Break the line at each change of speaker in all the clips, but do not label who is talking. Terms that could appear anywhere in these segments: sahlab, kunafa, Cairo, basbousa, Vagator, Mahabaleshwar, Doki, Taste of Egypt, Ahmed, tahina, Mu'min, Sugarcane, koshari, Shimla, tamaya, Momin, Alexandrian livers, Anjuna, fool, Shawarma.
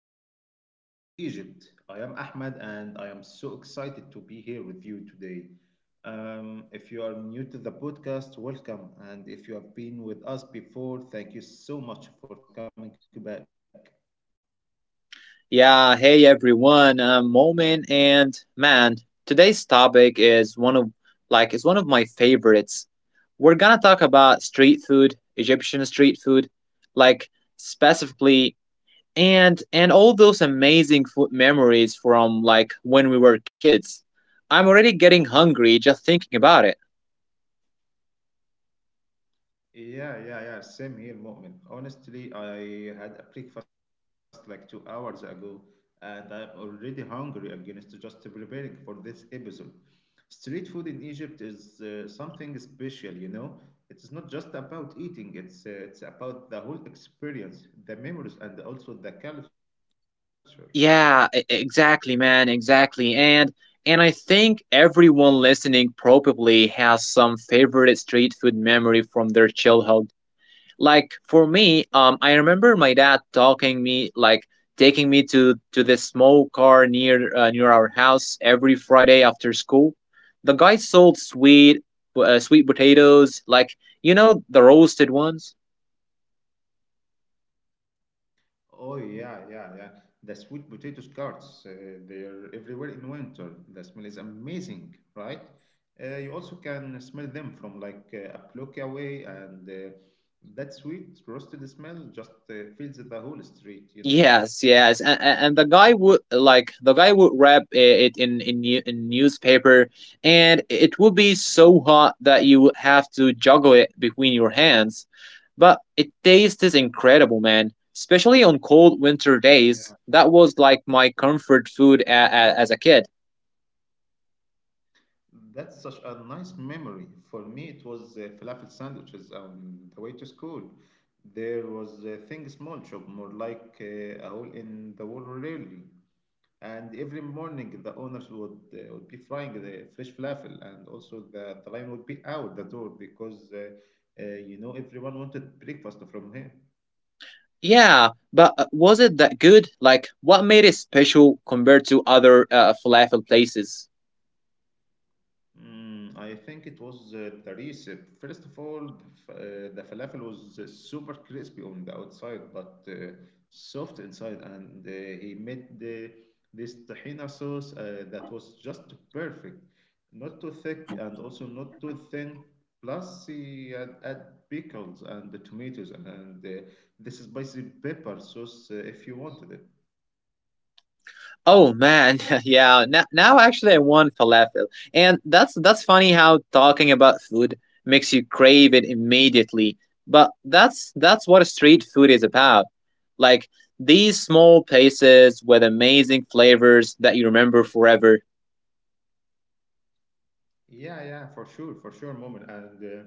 welcome to Taste of Egypt. I am Ahmed, and I am so excited to be here with you today. If you are new to the podcast, welcome. And if you have been with us before, thank you so much for coming back.
Yeah, hey everyone, I'm Momin, and man, today's topic is one of like it's one of my favorites. We're gonna talk about street food, Egyptian street food, like specifically, and all those amazing food memories from like when we were kids. I'm already getting hungry just thinking about it.
Yeah, yeah, yeah. Same here, Mu'min. Honestly, I had a breakfast like 2 hours ago, and I'm already hungry against just preparing for this episode. Street food in Egypt is something special, you know. It's not just about eating, it's about the whole experience, the memories, and also the culture.
Yeah, exactly, man, exactly. And I think everyone listening probably has some favorite street food memory from their childhood. Like for me, I remember my dad talking me like taking me to this small car near near our house every Friday after school. The guy sold sweet potatoes, like the roasted ones.
Oh yeah, yeah, yeah. The sweet potato cards, they're everywhere in winter. The smell is amazing, right? You also can smell them from like a block away, and that sweet roasted smell just fills the whole street, you know?
Yes, yes, and the guy would wrap it in newspaper, and it would be so hot that you would have to juggle it between your hands. But it tastes incredible, man. Especially on cold winter days, that was like my comfort food as a kid.
That's such a nice memory. For me, it was falafel sandwiches on the way to school. There was a thing small shop, more like a hole in the wall, really. And every morning, the owners would be frying the fresh falafel, and also the line would be out the door because uh, you know everyone wanted breakfast from here.
Yeah, but was it that good? Like, what made it special compared to other falafel places?
Mm, I think it was the recipe. First of all, the falafel was super crispy on the outside, but soft inside. And he made this tahina sauce that was just perfect, not too thick and also not too thin. Plus, he had, add pickles and the tomatoes and this spicy pepper sauce if you wanted it.
Oh man, yeah. Now actually, I want falafel, and that's funny how talking about food makes you crave it immediately. But that's what street food is about. Like these small places with amazing flavors that you remember forever.
Yeah, yeah, for sure, moment. And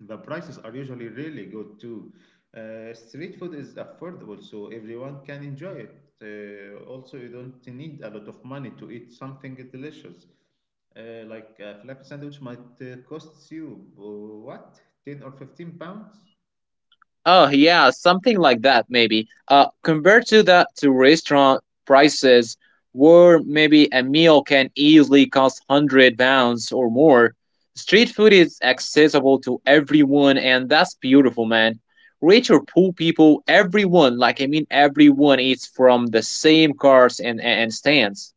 the prices are usually really good too. Street food is affordable, so everyone can enjoy it. Also, you don't need a lot of money to eat something delicious. Like a flap sandwich might cost you what, 10 or 15 pounds?
Oh yeah, something like that maybe. Compared to the to restaurant prices, where maybe a meal can easily cost 100 pounds or more, street food is accessible to everyone, and that's beautiful, man. Rich or poor people, everyone, like I mean, everyone eats from the same cars and stands.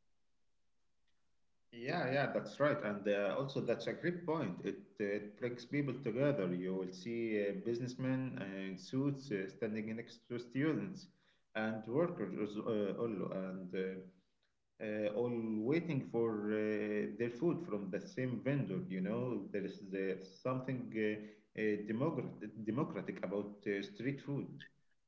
Yeah, yeah, that's right. And also, that's a great point. It brings people together. You will see businessmen in suits standing next to students and workers, all waiting for their food from the same vendor. You know, there is something democratic about street food.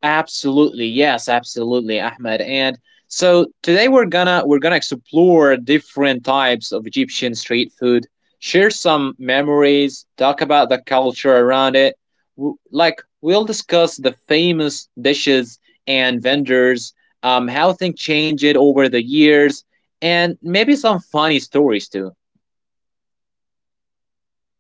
Absolutely, yes, absolutely, Ahmed. And so today we're gonna explore different types of Egyptian street food, share some memories, talk about the culture around it. Like, we'll discuss the famous dishes and vendors, how things changed over the years, and maybe some funny stories too.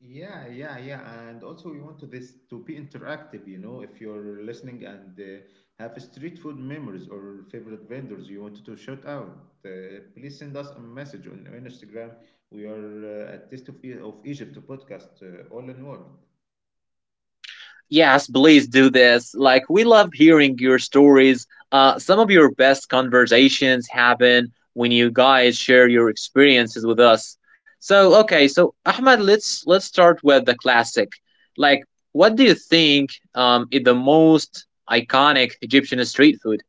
Yeah, yeah, yeah. And also, we want to this to be interactive. You know, if you're listening and have street food memories or favorite vendors you want to shout out, uh, please send us a message on Instagram. We are at Taste of, Egypt podcast, all in one.
Yes, please do this. Like, we love hearing your stories. Some of your best conversations happen when you guys share your experiences with us. So, okay, so Ahmed, let's start with the classic. Like, what do you think is the most iconic Egyptian street food?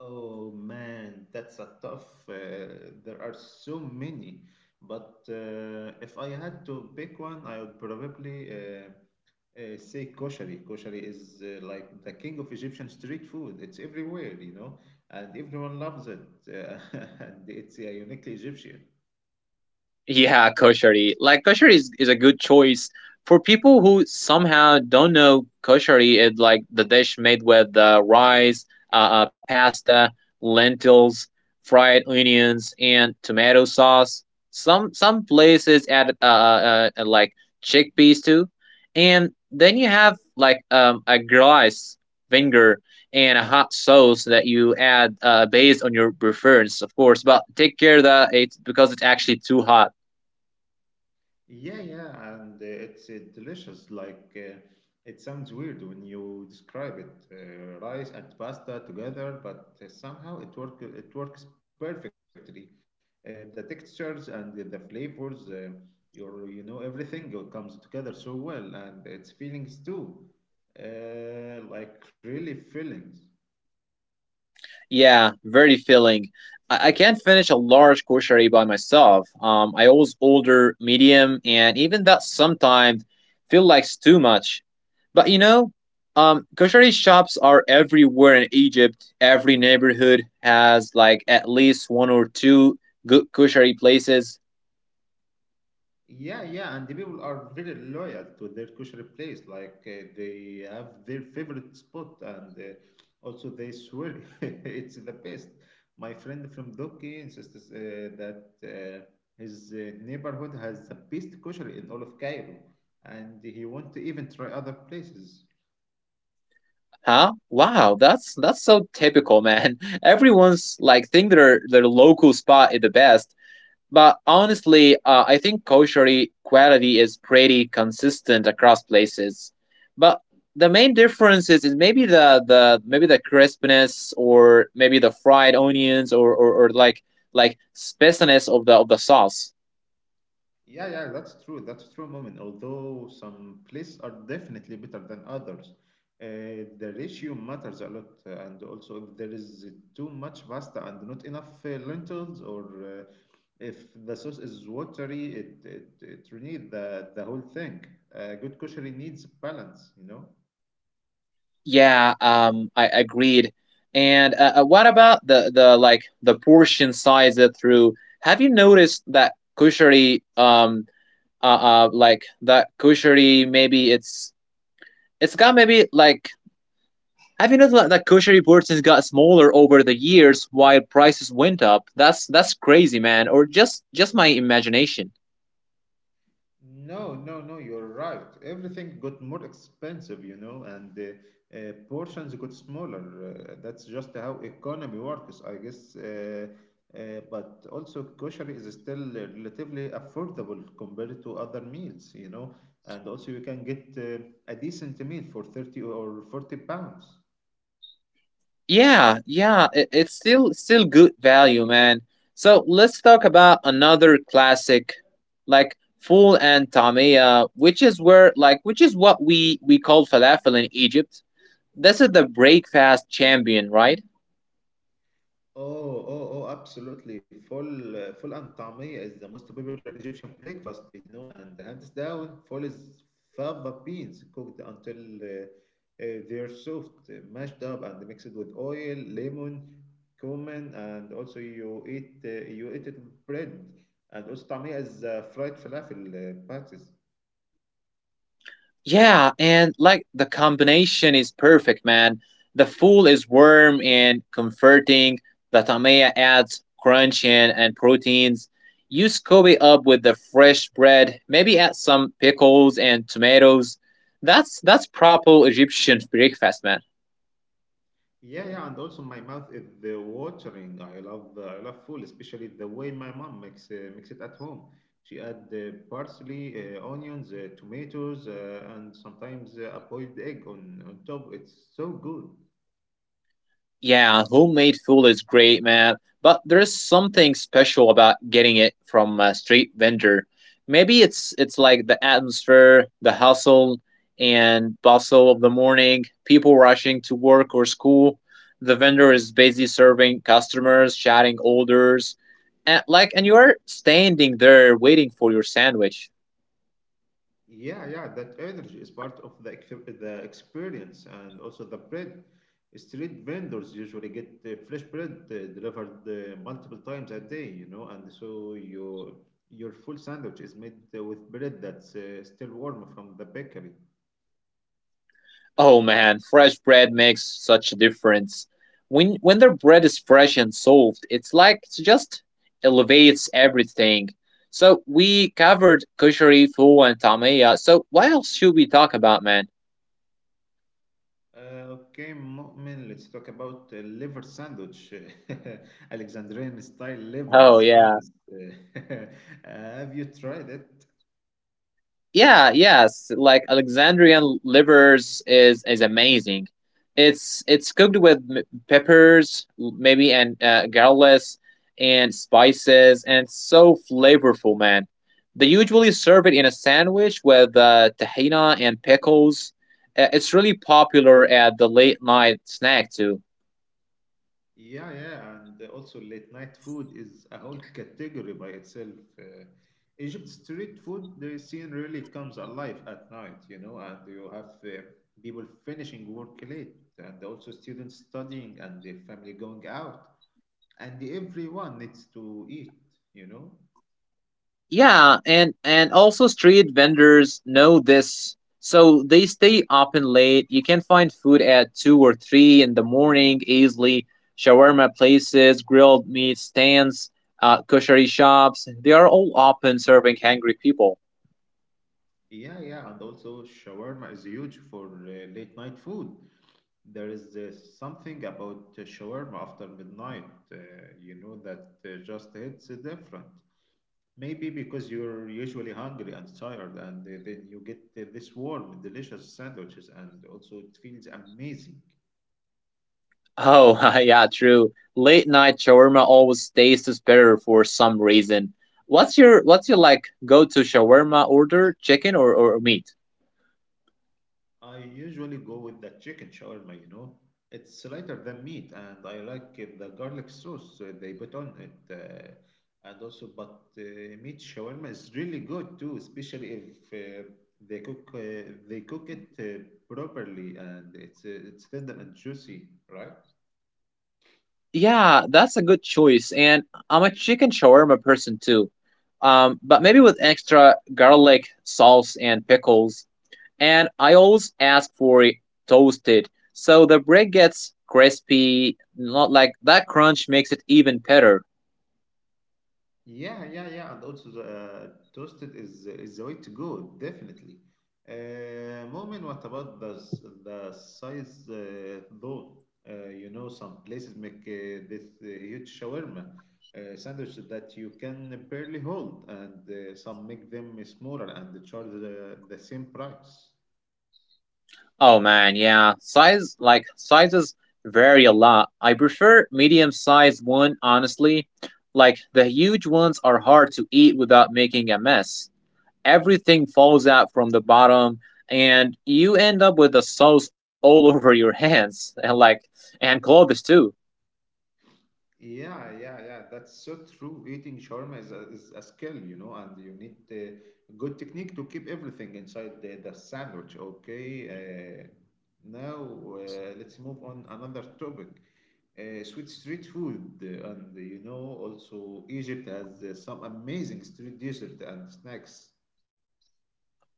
Oh man, that's a tough. There are so many, but if I had to pick one, I would probably say koshari. Koshari is like the king of Egyptian street food. It's everywhere, you know, and everyone loves it, and it's uniquely Egyptian.
Yeah, koshari. Like koshari is a good choice for people who somehow don't know koshari. It like the dish made with rice, pasta, lentils, fried onions, and tomato sauce. Some places add like chickpeas too, and then you have like a glass vinegar and a hot sauce that you add based on your preference, of course. But take care that it's, because it's actually too hot.
Yeah, yeah, and it's delicious. Like it sounds weird when you describe it, rice and pasta together, but somehow it works perfectly. The textures and the flavors, your you know everything comes together so well, and its feelings too, like really feelings.
Yeah, very filling. I can't finish a large grocery by myself. I always order medium, and even that sometimes feel like it's too much. But grocery shops are everywhere in Egypt. Every neighborhood has like at least one or two good grocery places.
Yeah, yeah, and the people are very loyal to their kosher place. Like they have their favorite spot, and also they swear it's the best. My friend from Doki insists that his neighborhood has the best kosher in all of Cairo, and he wants to even try other places.
Huh? Wow, that's so typical, man. Everyone's like think their local spot is the best. But honestly, I think kosher quality is pretty consistent across places. But the main difference is maybe the maybe the crispness, or maybe the fried onions, or like spiciness of the sauce.
Yeah, yeah, that's true. That's true, moment. Although some places are definitely better than others, uh, the ratio matters a lot. And also, if there is too much pasta and not enough lentils, or if the sauce is watery, it really the whole thing. Good cookery needs balance, you know.
Yeah, I agreed. And what about the portion size it through? Have you noticed that kosher um like that kosher maybe it's got maybe like Have you noticed that kosher portions got smaller over the years while prices went up? That's crazy, man, or just my imagination.
No, no, no, you're right. Everything got more expensive, you know, and portions got smaller. That's just how economy works, I guess. But also, kosher is still relatively affordable compared to other meals, you know, and also you can get a decent meal for 30 or 40 pounds.
Yeah, yeah, it's still good value, man. So let's talk about another classic, like full and tamia, which is what we call falafel in Egypt. This is the breakfast champion, right?
Oh, oh, oh, absolutely. Full, full and tamia is the most popular Egyptian breakfast, you know, and hands down, full is fava beans cooked until they're soft, mashed up, and mixed with oil, lemon, cumin, and also you eat it with bread. And also tamia is fried falafel patties.
Yeah, and like the combination is perfect, man. The fool is warm and comforting. The tamaya adds crunch and proteins. You scoop it up with the fresh bread, maybe add some pickles and tomatoes. That's proper Egyptian breakfast, man.
Yeah, yeah, and also my mouth is the watering. I love food, especially the way my mom makes it at home. She add parsley, onions, tomatoes, and sometimes a boiled egg on top. It's so good.
Yeah, homemade food is great, man. But there's something special about getting it from a street vendor. Maybe it's like the atmosphere, the hustle and bustle of the morning, people rushing to work or school. The vendor is busy serving customers, shouting orders, and you are standing there waiting for your sandwich.
Yeah, yeah, that energy is part of the experience and also the bread. Street vendors usually get fresh bread delivered multiple times a day, you know, and so your full sandwich is made with bread that's still warm from the bakery.
Oh man, fresh bread makes such a difference. When their bread is fresh and soft, it's like it just elevates everything. So we covered kushari, foo, and tamaya. So what else should we talk about, man?
Okay, Mu'min, let's talk about liver sandwich. Alexandrian style liver
Oh
is
yeah.
famous. Have you tried it?
Yeah, yes, like Alexandrian livers is amazing. It's cooked with peppers, maybe, and garlic and spices, and it's so flavorful, man. They usually serve it in a sandwich with tahina and pickles. It's really popular at the late night snack too.
Yeah, yeah, and also late night food is a whole category by itself. Uh, Egypt's street food the scene really comes alive at night, you know, and you have people finishing work late, and also students studying and the family going out, and everyone needs to eat, you know.
Yeah, and also street vendors know this, so they stay open late. You can find food at 2 or 3 in the morning easily. Shawarma places, grilled meat stands, kosher shops—they are all open, serving hungry people.
Yeah, yeah, and also shawarma is huge for late night food. There is something about shawarma after midnight, uh, you know, that just hits different. Maybe because you're usually hungry and tired, and then you get this warm, delicious sandwiches, and also it feels amazing.
Oh, yeah, true. Late night shawarma always tastes better for some reason. What's your like go to shawarma order? Chicken, or meat?
I usually go with the chicken shawarma, you know. It's lighter than meat, and I like the garlic sauce they put on it. But meat shawarma is really good too, especially if they cook it properly and it's tender and juicy, right?
Yeah, that's a good choice. And I'm a chicken shawarma person too. But maybe with extra garlic, sauce, and pickles. And I always ask for it toasted, so the bread gets crispy. Not like, that crunch makes it even better.
Yeah, yeah, yeah, and also the toasted is the way to go, definitely. Moment, what about the size though? You know, some places make this huge shawarma sandwich that you can barely hold, and some make them smaller and charge the same price.
Oh man, yeah. Sizes vary a lot. I prefer medium sized one honestly. Like the huge ones are hard to eat without making a mess. Everything falls out from the bottom, and you end up with the sauce all over your hands, and clothes too.
Yeah, yeah, yeah. That's so true. Eating shawarma is is a skill, you know, and you need good technique to keep everything inside the sandwich. Okay. Now let's move on another topic. Sweet street food, and you know, also Egypt has some amazing street dessert and snacks.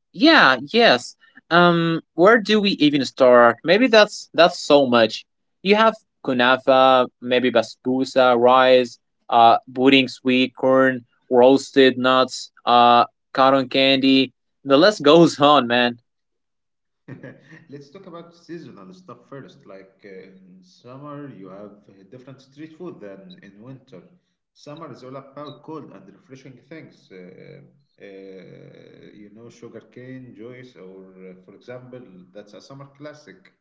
Yeah, yes. Where do we even start? Maybe that's so much. You have kunafa, maybe basbousa, rice pudding, sweet corn, roasted nuts, cotton candy. The list goes on, man.
Let's talk about seasonal stuff first. Like in summer, you have different street food than in winter. Summer is all about cold and refreshing things. Uh, you know, sugarcane, Joyce, or for example, that's a summer classic.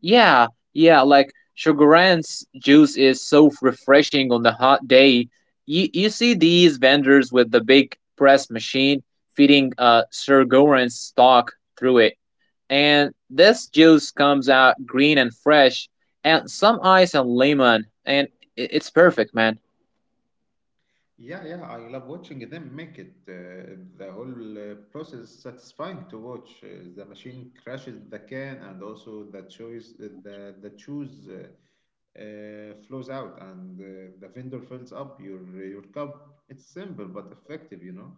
Yeah, yeah, like Sugaran's juice is so refreshing on the hot day. You see these vendors with the big press machine feeding Sugaran's stock through it. And this juice comes out green and fresh, and some ice and lemon, and it's perfect, man.
Yeah, yeah, I love watching them make it. The whole process is satisfying to watch. The machine crashes the can, and also the choice, the chews. Flows out and the vendor fills up your cup. It's simple but effective, you know.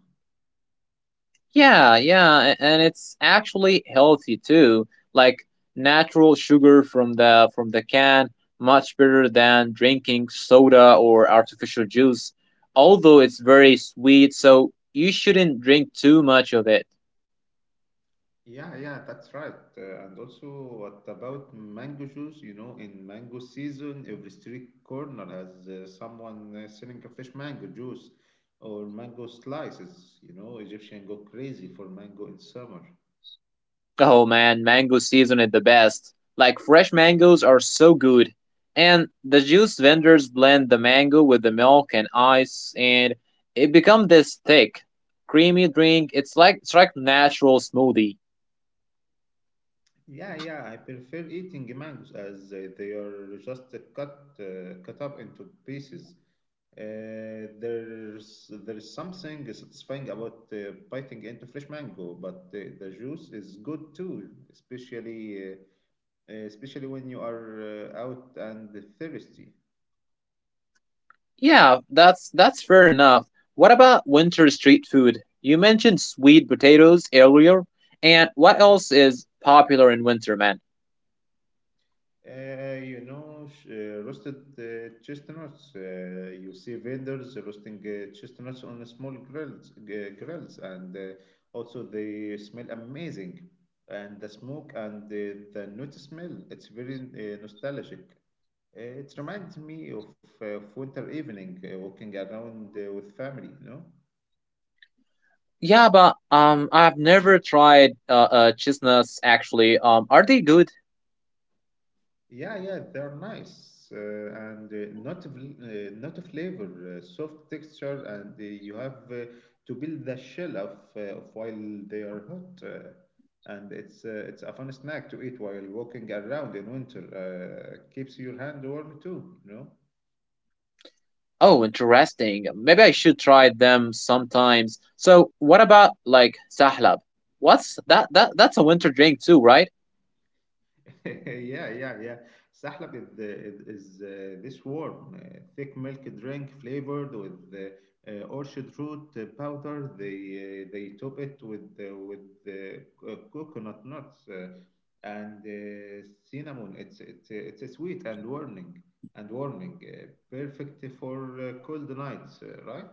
Yeah, yeah, and it's actually healthy too. Like natural sugar from the can, much better than drinking soda or artificial juice. Although it's very sweet, so you shouldn't drink too much of it.
Yeah, yeah, that's right. And also, what about mango juice? You know, in mango season, every street corner has someone selling a fresh mango juice or mango slices. You know, Egyptians go crazy for mango in summer.
Oh man, mango season is the best. Like fresh mangoes are so good. And the juice vendors blend the mango with the milk and ice, and it becomes this thick, creamy drink. It's like natural smoothie.
Yeah, yeah, I prefer eating mangoes as they are just cut up into pieces. There's something satisfying about biting into fresh mango, but the juice is good too, especially when you are out and thirsty.
Yeah, that's fair enough. What about winter street food? You mentioned sweet potatoes earlier, and what else is popular in winter, man?
You know, roasted chestnuts. You see vendors roasting chestnuts on a small grills, grills, and also they smell amazing. And the smoke and the nut smell, it's very nostalgic. It reminds me of winter evening, walking around with family, you know?
Yeah, but I've never tried chestnuts actually. Are they good?
Yeah, yeah, they are nice and not a flavor, soft texture, and you have to build the shell of while they are hot, and it's a fun snack to eat while walking around in winter. Keeps your hand warm too, you know.
Oh, interesting. Maybe I should try them sometimes. So, what about like sahlab? What's that? That's a winter drink too, right?
Yeah, yeah, yeah. Sahlab is this warm, thick milk drink flavored with orchid root powder. They top it with coconut nuts and cinnamon. It's a sweet and warming and warming. Perfect for cold nights, right?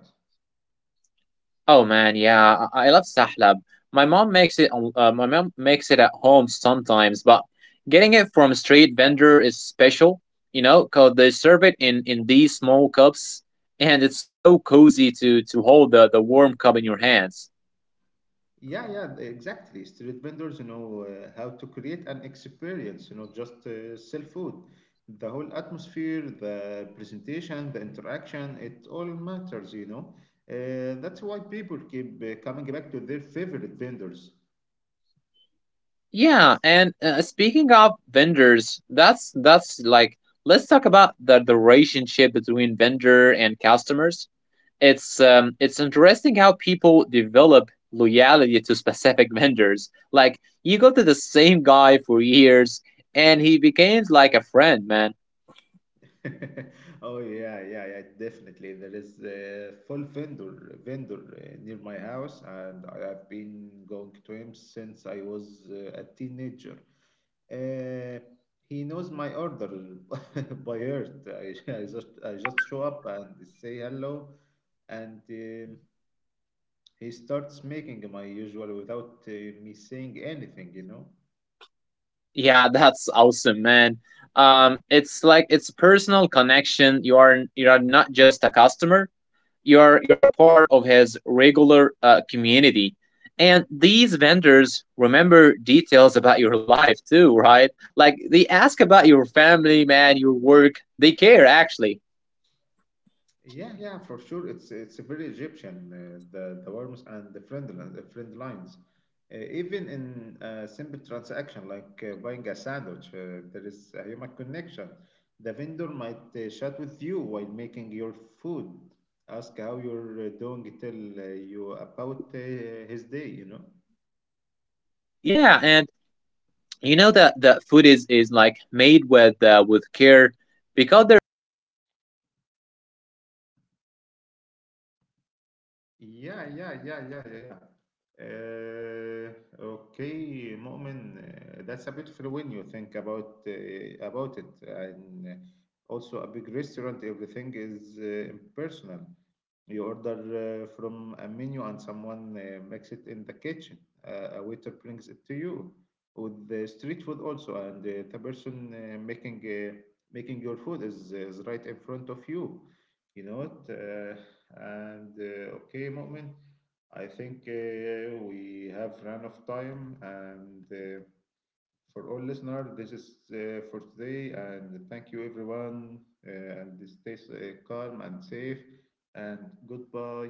Oh man, yeah, I love sahlab. My mom makes it. My mom makes it at home sometimes, but getting it from a street vendor is special. You know, cause they serve it in these small cups, and it's so cozy to hold the warm cup in your hands.
Yeah, yeah, exactly. Street vendors know how to create an experience, you know, just sell food. The whole atmosphere, the presentation, the interaction, it all matters, you know. That's why people keep coming back to their favorite vendors.
Yeah, and speaking of vendors, that's like let's talk about the relationship between vendor and customers. It's interesting how people develop loyalty to specific vendors. Like you go to the same guy for years, and he becomes like a friend, man.
Oh yeah, yeah, yeah, definitely. There is a full vendor near my house, and I have been going to him since I was a teenager. Uh, he knows my order by heart. I just show up and say hello, and he starts making my usual without me saying anything, you know.
Yeah, that's awesome, man. It's like it's personal connection. You are not just a customer, you're a part of his regular community. And these vendors remember details about your life too, right? Like, they ask about your family, man, your work, they care actually.
Yeah, yeah, for sure. It's very Egyptian, the worms and the friend lines. Even in a simple transaction like buying a sandwich, there is a human connection. The vendor might chat with you while making your food, ask how you're doing, tell you about his day, you know.
Yeah, and you know that the food is like made with care, because there is personal relationship, man. He's not just a mass product
Yeah,
producing
yeah,
food
yeah,
for
yeah, yeah, yeah.
anonymous customers. He's
Uh,
making food for people
okay,
he
Mu'min,
knows
that's
and
a
cares
beautiful when
about.
you think about it, and also a big restaurant. Everything is impersonal. You order from a menu, and someone makes it in the kitchen. A waiter brings it to you. With the street food also, and the person making your food is right in front of you. You know it. And okay, Mu'min, I think we have run of time. And for all listeners, this is for today. And thank you, everyone. And stay calm and safe. And goodbye.